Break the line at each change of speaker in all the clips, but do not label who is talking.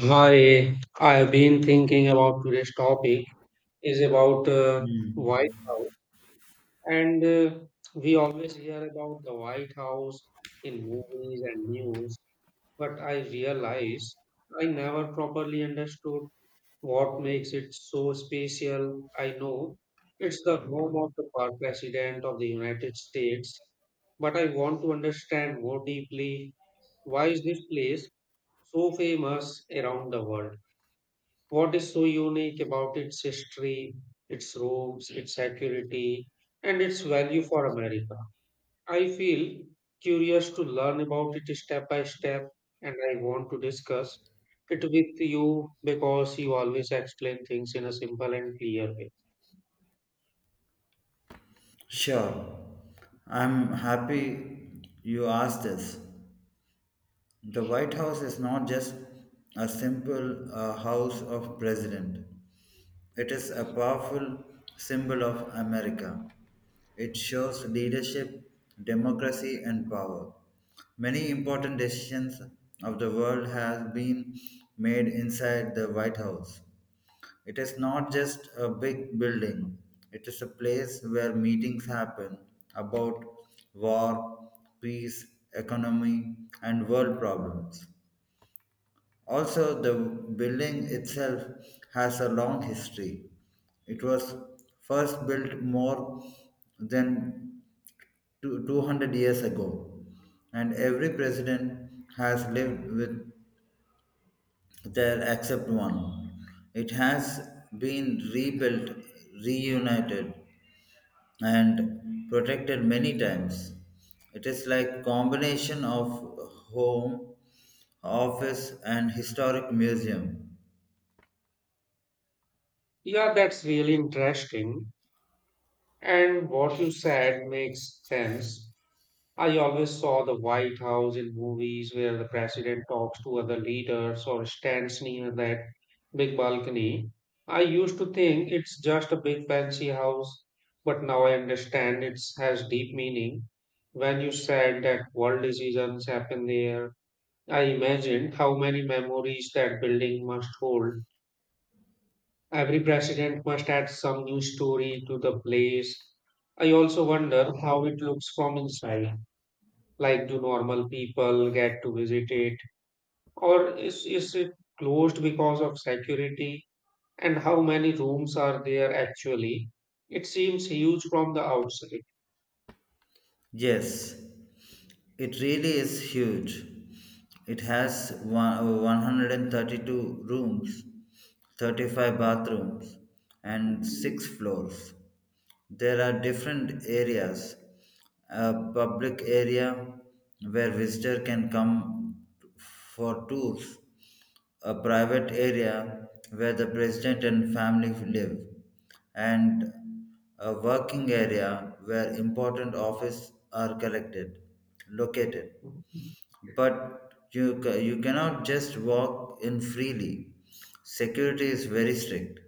Hi, I've been thinking about today's topic is about White
Hmm.
House, and we always hear about the White House in movies and news, but I realize I never properly understood what makes it so special. I know it's the home of the President of the United States, but I want to understand more deeply. Why is this place so famous around the world? What is so unique about its history, its roots, its security, and its value for America. I feel curious to learn about it step by step, and I want to discuss it with you because you always explain things in a simple and clear way.
Sure. I'm happy you asked this. The White House is not just a simple house of president. It is a powerful symbol of America. It shows leadership, democracy, and power. Many important decisions of the world have been made inside the White House. It is not just a big building, it is a place where meetings happen about war, peace, economy, and world problems. Also, the building itself has a long history. It was first built more than 200 years ago, and every president has lived with there except one. It has been rebuilt, reunited, and protected many times. It is like combination of home, office, and historic museum.
Yeah, that's really interesting. And what you said makes sense. I always saw the White House in movies where the president talks to other leaders or stands near that big balcony. I used to think it's just a big fancy house, but now I understand it has deep meaning. When you said that world decisions happen there, I imagined how many memories that building must hold. Every president must add some new story to the place. I also wonder how it looks from inside. Like, do normal people get to visit it, or is it closed because of security, and how many rooms are there actually? It seems huge from the outside.
Yes, it really is huge. It has 132 rooms, 35 bathrooms, and 6 floors. There are different areas. A public area where visitor can come for tours, a private area where the president and family live, and a working area where important offices are collected, located, but you cannot just walk in freely. Security is very strict.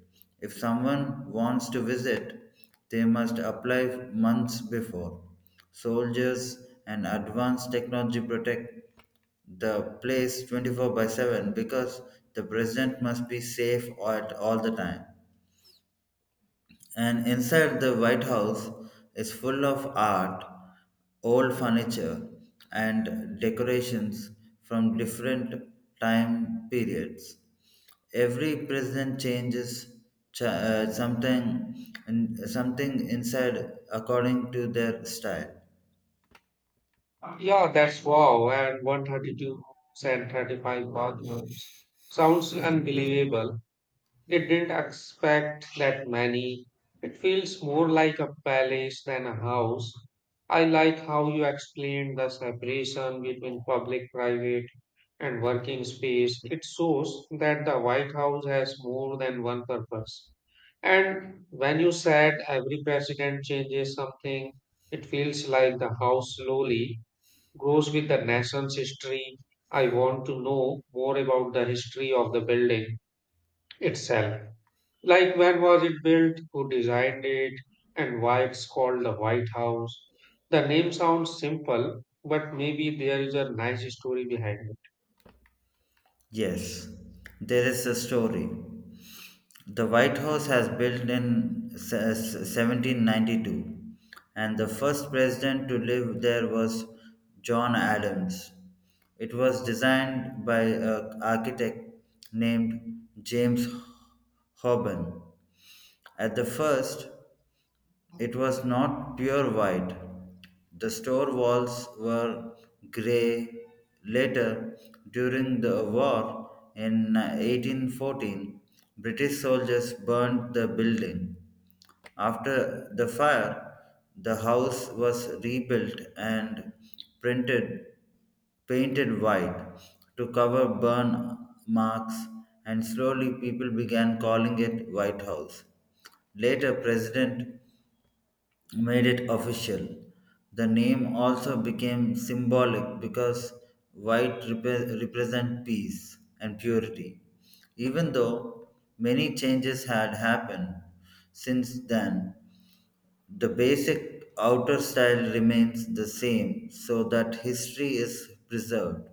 If someone wants to visit, they must apply months before. Soldiers and advanced technology protect the place 24 by 7 because the president must be safe at all the time. And inside the White House is full of art, old furniture, and decorations from different time periods. Every president changes ch- uh, something, something inside according to their style.
Yeah, that's wow. And 132 and 35 bathrooms sounds unbelievable. They didn't expect that many. It feels more like a palace than a house. I like how you explained the separation between public, private, and working space. It shows that the White House has more than one purpose. And when you said every president changes something, it feels like the house slowly grows with the nation's history. I want to know more about the history of the building itself. Like, when was it built, who designed it, and why it's called the White House. The name sounds simple, but maybe there is a nice story behind it.
Yes, there is a story. The White House has built in 1792, and the first president to live there was John Adams. It was designed by an architect named James Hoban. At the first, it was not pure white. The store walls were grey. Later, during the war in 1814, British soldiers burned the building. After the fire, the house was rebuilt and printed, painted white to cover burn marks, and slowly people began calling it White House. Later, President made it official. The name also became symbolic because represent peace and purity. Even though many changes had happened since then, the basic outer style remains the same so that history is preserved.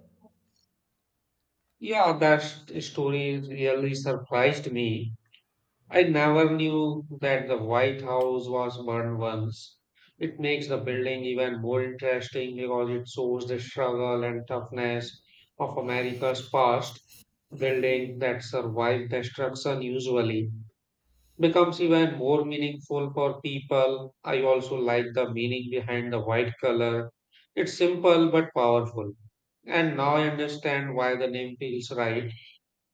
Yeah, that story really surprised me. I never knew that the White House was burned once. It makes the building even more interesting because it shows the struggle and toughness of America's past. Building that survived destruction usually becomes even more meaningful for people. I also like the meaning behind the white color. It's simple but powerful. And now I understand why the name feels right.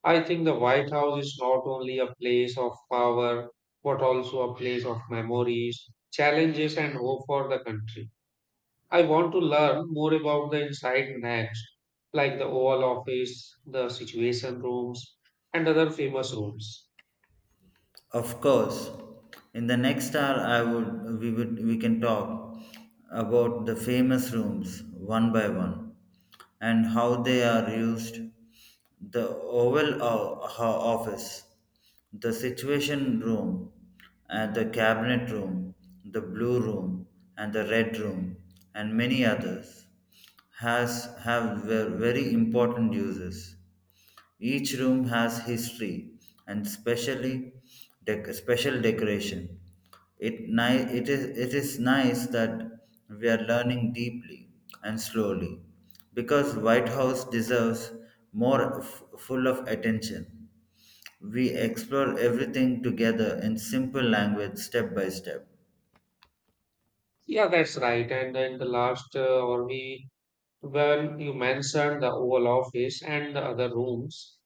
I think the White House is not only a place of power, but also a place of memories, challenges, and hope for the country. I want to learn more about the inside next, like the Oval Office, the Situation Rooms, and other famous rooms.
Of course, in the next hour, I would we can talk about the famous rooms one by one and how they are used. The Office, the Situation Room, and the Cabinet Room, the Blue Room, and the Red Room, and many others has have very important uses. Each room has history and specially special decoration. It is nice that we are learning deeply and slowly because White House deserves more full of attention. We explore everything together in simple language step by step.
Yeah, that's right. And then the last or we when you mentioned the Oval Office and the other rooms,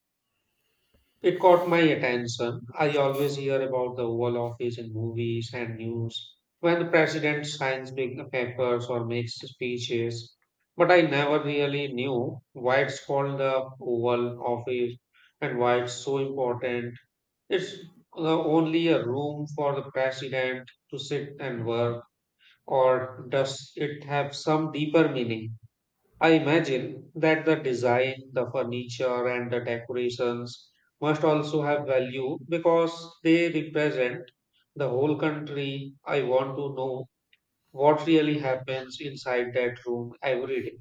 it caught my attention. I always hear about the Oval Office in movies and news when the president signs big papers or makes speeches. But I never really knew why it's called the Oval Office and why it's so important. It's only a room for the president to sit and work, or does it have some deeper meaning? I imagine that the design, the furniture, and the decorations must also have value because they represent the whole country. I want to know what really happens inside that room every day.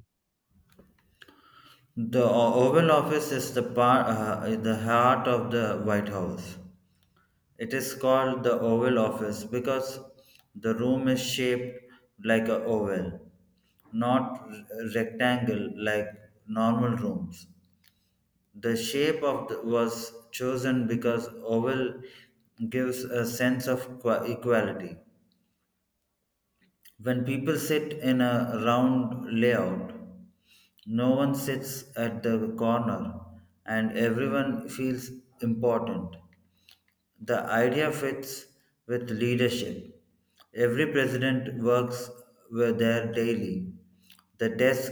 The Oval Office is the heart of the White House. It is called the Oval Office because the room is shaped like an oval, not rectangle like normal rooms. The shape of the, was chosen because oval gives a sense of equality. When people sit in a round layout, no one sits at the corner and everyone feels important. The idea fits with leadership. Every president works with their daily. The desk,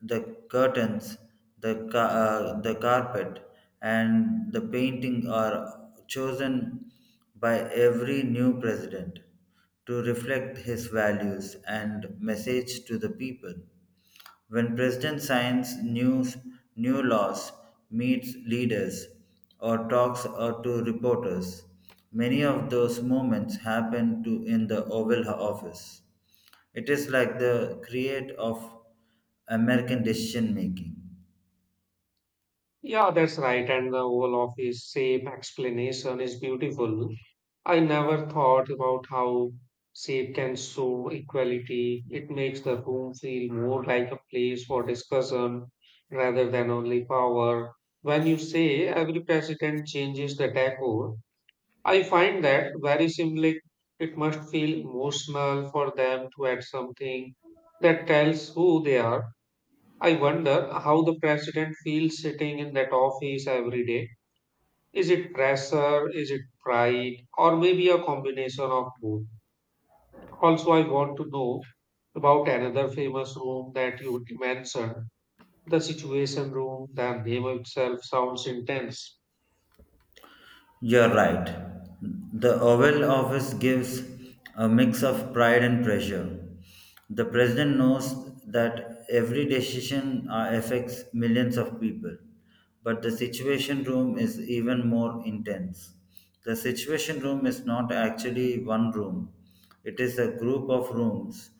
the curtains, the carpet, and the painting are chosen by every new president to reflect his values and message to the people. When president signs new laws, meets leaders, or talks to reporters, many of those moments happen to in the Oval Office. It is like the create of American decision making.
Yeah, that's right. And the whole of his same explanation is beautiful. I never thought about how shape can show equality. It makes the room feel more like a place for discussion rather than only power. When you say every president changes the decor, I find that very symbolic. It must feel emotional for them to add something that tells who they are. I wonder how the president feels sitting in that office every day. Is it pressure? Is it pride? Or maybe a combination of both? Also, I want to know about another famous room that you mentioned, the situation room. The name itself sounds intense.
You're right. The Oval Office gives a mix of pride and pressure. The president knows that every decision affects millions of people, but the Situation Room is even more intense. The Situation Room is not actually one room, it is a group of rooms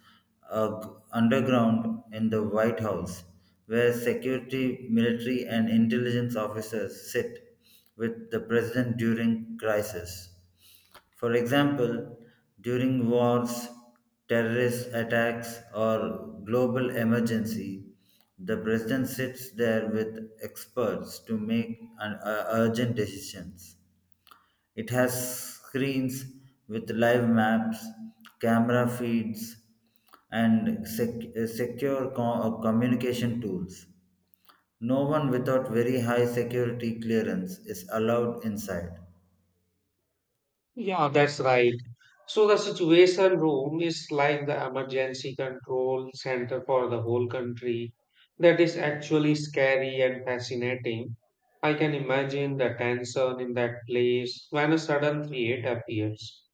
uh, underground in the White House, where security, military, and intelligence officers sit with the president during crisis. For example, during wars, terrorist attacks, or global emergency, the president sits there with experts to make urgent decisions. It has screens with live maps, camera feeds, and secure communication tools. No one without very high security clearance is allowed inside.
Yeah, that's right. So, the situation room is like the emergency control center for the whole country. That is actually scary and fascinating. I can imagine the tension in that place when a sudden threat appears.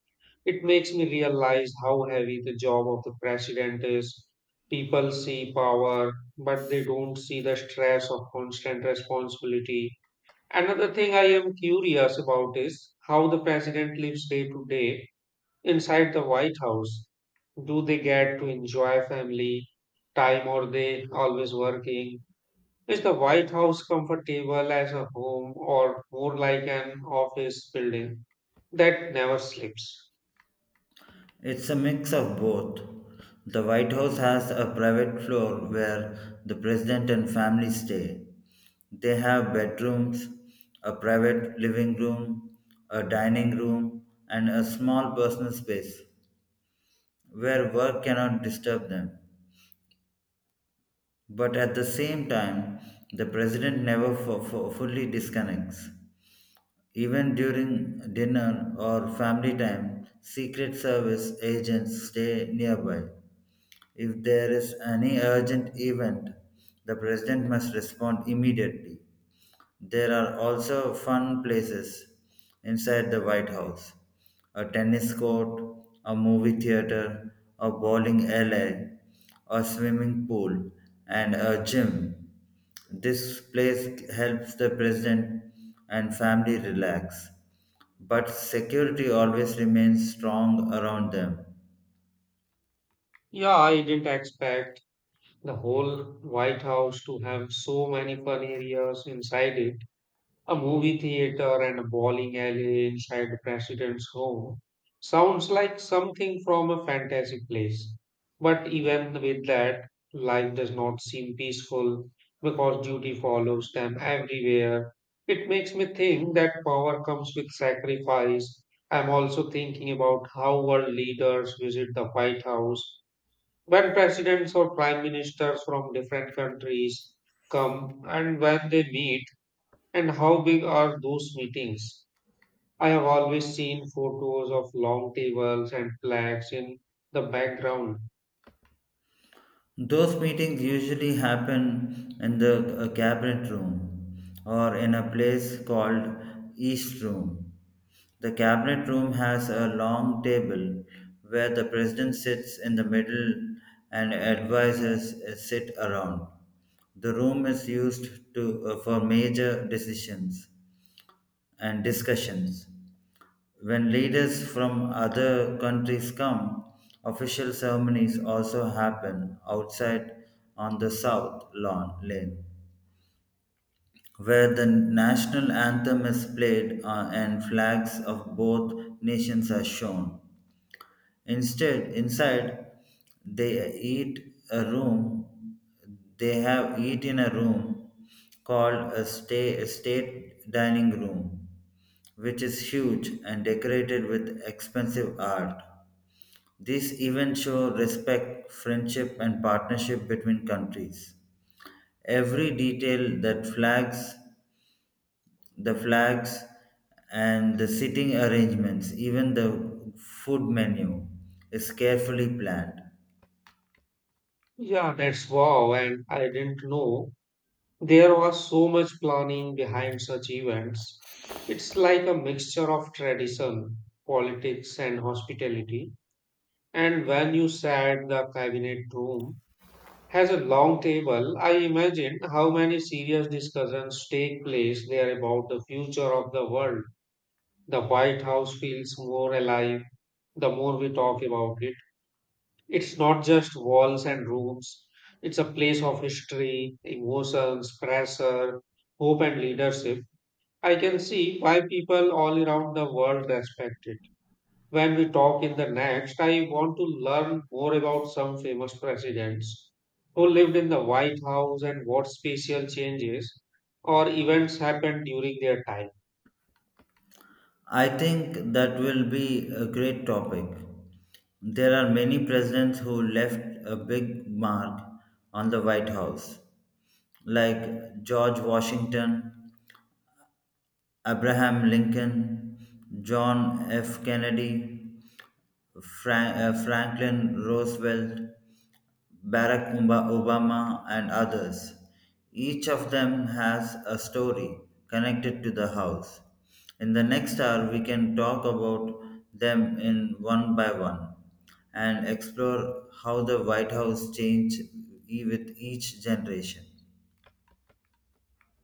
It makes me realize how heavy the job of the president is. People see power, but they don't see the stress of constant responsibility. Another thing I am curious about is how the president lives day to day inside the White House. Do they get to enjoy family time, or they always working? Is the White House comfortable as a home, or more like an office building that never sleeps?
It's a mix of both. The White House has a private floor where the president and family stay. They have bedrooms, a private living room, a dining room, and a small personal space where work cannot disturb them. But at the same time, the president never fully disconnects. Even during dinner or family time, Secret Service agents stay nearby. If there is any urgent event, the president must respond immediately. There are also fun places inside the White House: a tennis court, a movie theater, a bowling alley, a swimming pool, and a gym. This place helps the president and family relax, but security always remains strong around them.
Yeah, I didn't expect the whole White House to have so many fun areas inside it. A movie theater and a bowling alley inside the president's home. Sounds like something from a fantasy place. But even with that, life does not seem peaceful because duty follows them everywhere. It makes me think that power comes with sacrifice. I'm also thinking about how world leaders visit the White House. When presidents or prime ministers from different countries come, and when they meet, and how big are those meetings. I have always seen photos of long tables and flags in the background.
Those meetings usually happen in the cabinet room or in a place called East Room. The cabinet room has a long table where the president sits in the middle and advisors sit around. The room is used for major decisions and discussions. When leaders from other countries come, official ceremonies also happen outside on the south lawn lane where the national anthem is played and flags of both nations are shown. Instead, inside they eat a room. They have eat in a room called a, stay, a state dining room, which is huge and decorated with expensive art. These events show respect, friendship, and partnership between countries. Every detail: the flags, and the seating arrangements, even the food menu, is carefully planned.
Yeah, that's wow. And I didn't know there was so much planning behind such events. It's like a mixture of tradition, politics, and hospitality. And when you said the cabinet room has a long table, I imagine how many serious discussions take place there about the future of the world. The White House feels more alive the more we talk about it. It's not just walls and rooms, it's a place of history, emotions, pressure, hope, and leadership. I can see why people all around the world respect it. When we talk in the next, I want to learn more about some famous presidents who lived in the White House and what special changes or events happened during their time.
I think that will be a great topic. There are many presidents who left a big mark on the White House, like George Washington, Abraham Lincoln, John F. Kennedy, Franklin Roosevelt. Obama, and others. Each of them has a story connected to the house. In the next hour, we can talk about them in one by one and explore how the White House changed with each generation.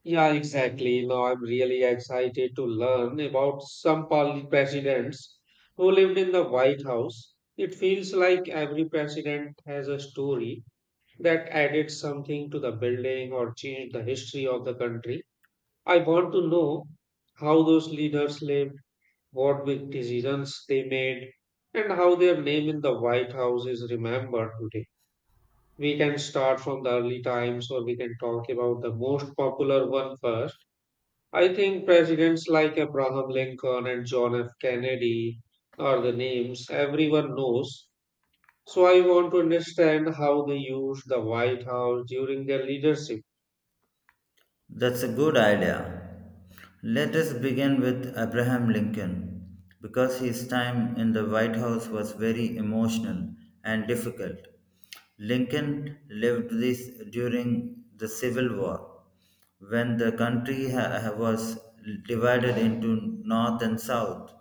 Yeah, exactly. Now I'm really excited to learn about some presidents who lived in the White House. It feels like every president has a story that added something to the building or changed the history of the country. I want to know how those leaders lived, what big decisions they made, and how their name in the White House is remembered today. We can start from the early times, or we can talk about the most popular one first. I think presidents like Abraham Lincoln and John F. Kennedy are the names everyone knows. So I want to understand how they used the White House during their leadership.
That's a good idea. Let us begin with Abraham Lincoln, because his time in the White House was very emotional and difficult. Lincoln lived this during the Civil War, when the country was divided into North and South.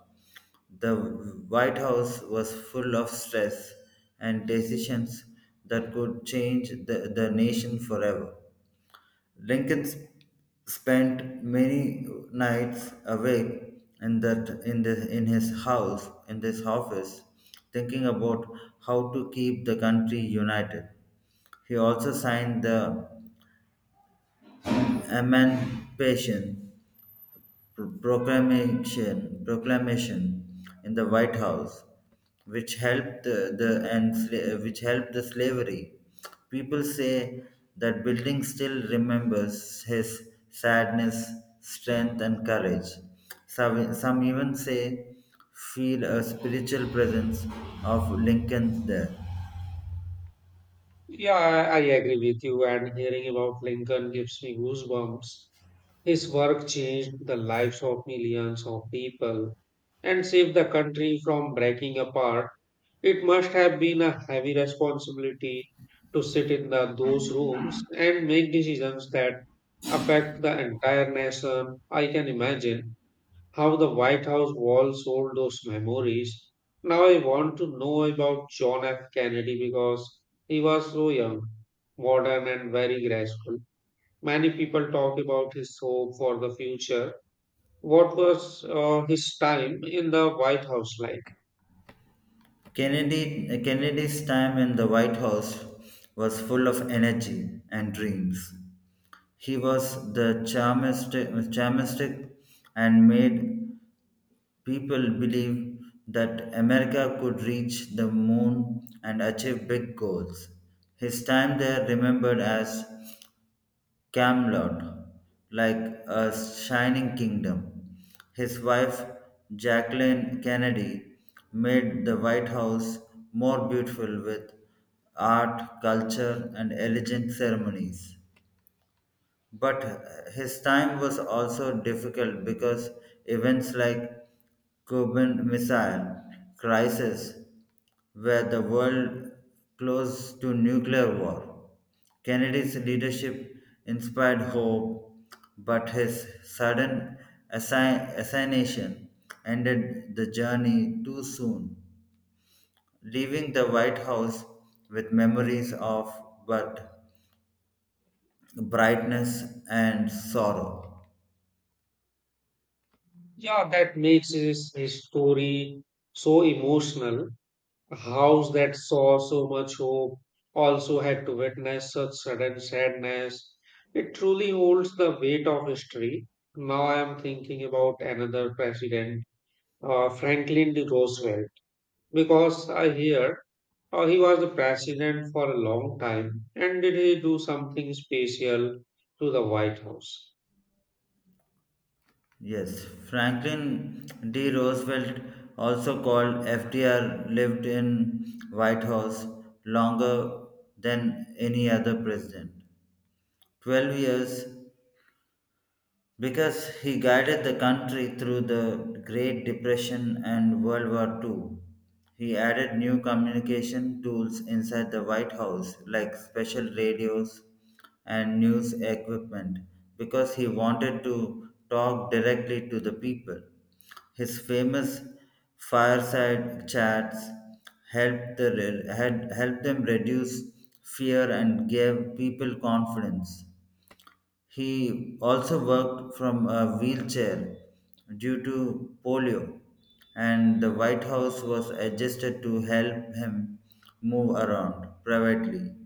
The White House was full of stress and decisions that could change the nation forever. Lincoln sp- spent many nights awake in that in the in his house in this office thinking about how to keep the country united. He also signed the Emancipation proclamation in the White House, which helped which helped the slavery. People say that building still remembers his sadness, strength, and courage. Some even say feel a spiritual presence of Lincoln there.
Yeah, I agree with you, and hearing about Lincoln gives me goosebumps. His work changed the lives of millions of people and saved the country from breaking apart. It must have been a heavy responsibility to sit in those rooms and make decisions that affect the entire nation. I can imagine how the White House walls hold those memories. Now I want to know about John F. Kennedy because he was so young, modern, and very graceful. Many people talk about his hope for the future. What was his time in the White House like?
Kennedy's time in the White House was full of energy and dreams. He was the charmistic and made people believe that America could reach the moon and achieve big goals. His time there remembered as Camelot, like a shining kingdom. His wife, Jacqueline Kennedy, made the White House more beautiful with art, culture, and elegant ceremonies. But his time was also difficult because events like Cuban Missile Crisis, where the world close to nuclear war. Kennedy's leadership inspired hope, but his sudden assassination ended the journey too soon, leaving the White House with memories of but brightness and sorrow.
Yeah, that makes his story so emotional. A house that saw so much hope also had to witness such sudden sadness. It truly holds the weight of history. Now I am thinking about another president, Franklin D. Roosevelt, because I hear. Oh, he was the president for a long time. And did he do something special to the White House?
Yes, Franklin D. Roosevelt, also called FDR, lived in White House longer than any other president. 12 years because he guided the country through the Great Depression and World War Two. He added new communication tools inside the White House, like special radios and news equipment, because he wanted to talk directly to the people. His famous fireside chats helped them reduce fear and gave people confidence. He also worked from a wheelchair due to polio, and the White House was adjusted to help him move around privately.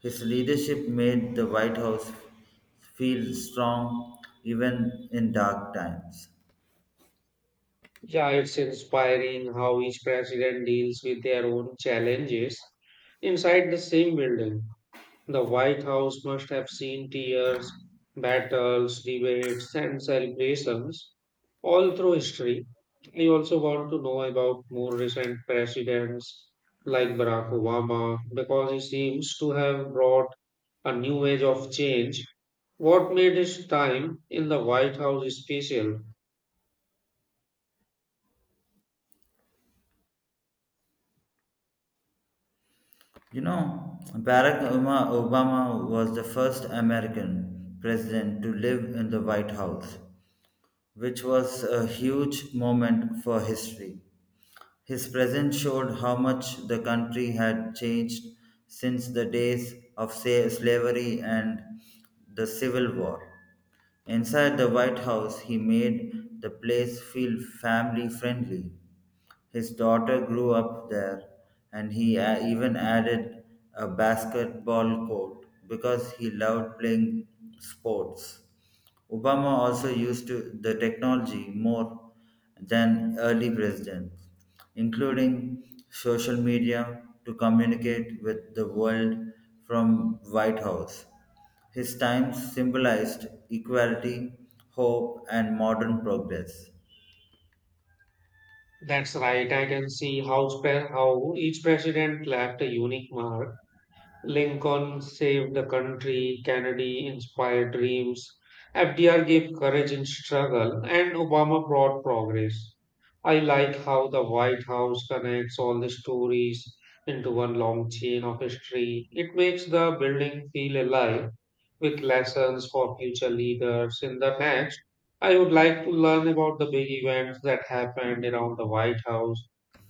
His leadership made the White House feel strong even in dark times.
Yeah, it's inspiring how each president deals with their own challenges inside the same building. The White House must have seen tears, battles, debates, and celebrations all through history. I also want to know about more recent presidents like Barack Obama because he seems to have brought a new age of change. What made his time in the White House special?
You know, Barack Obama Obama was the first American president to live in the White House, which was a huge moment for history. His presence showed how much the country had changed since the days of slavery and the Civil War. Inside the White House, he made the place feel family friendly, his daughter grew up there, and he even added a basketball court because he loved playing sports. Obama also the technology more than early presidents, including social media to communicate with the world from White House. His times symbolized equality, hope, and modern progress.
That's right, I can see how, how each president left a unique mark. Lincoln saved the country, Kennedy inspired dreams, FDR gave courage in struggle, and Obama brought progress. I like how the White House connects all the stories into one long chain of history. It makes the building feel alive with lessons for future leaders. In the next, I would like to learn about the big events that happened around the White House,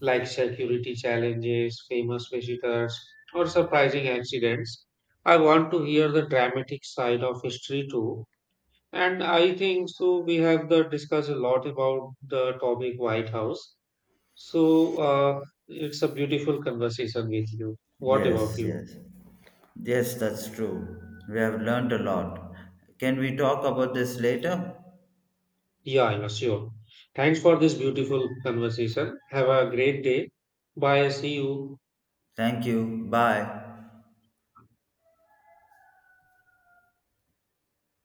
like security challenges, famous visitors, or surprising accidents. I want to hear the dramatic side of history too. And I think so. We have discussed a lot about the topic White House. So it's a beautiful conversation with you. What about
Yes,
you?
yes. Yes, that's true. We have learned a lot. Can we talk about this later?
Yeah, yeah, sure. Thanks for this beautiful conversation. Have a great day. Bye. See you.
Thank you. Bye.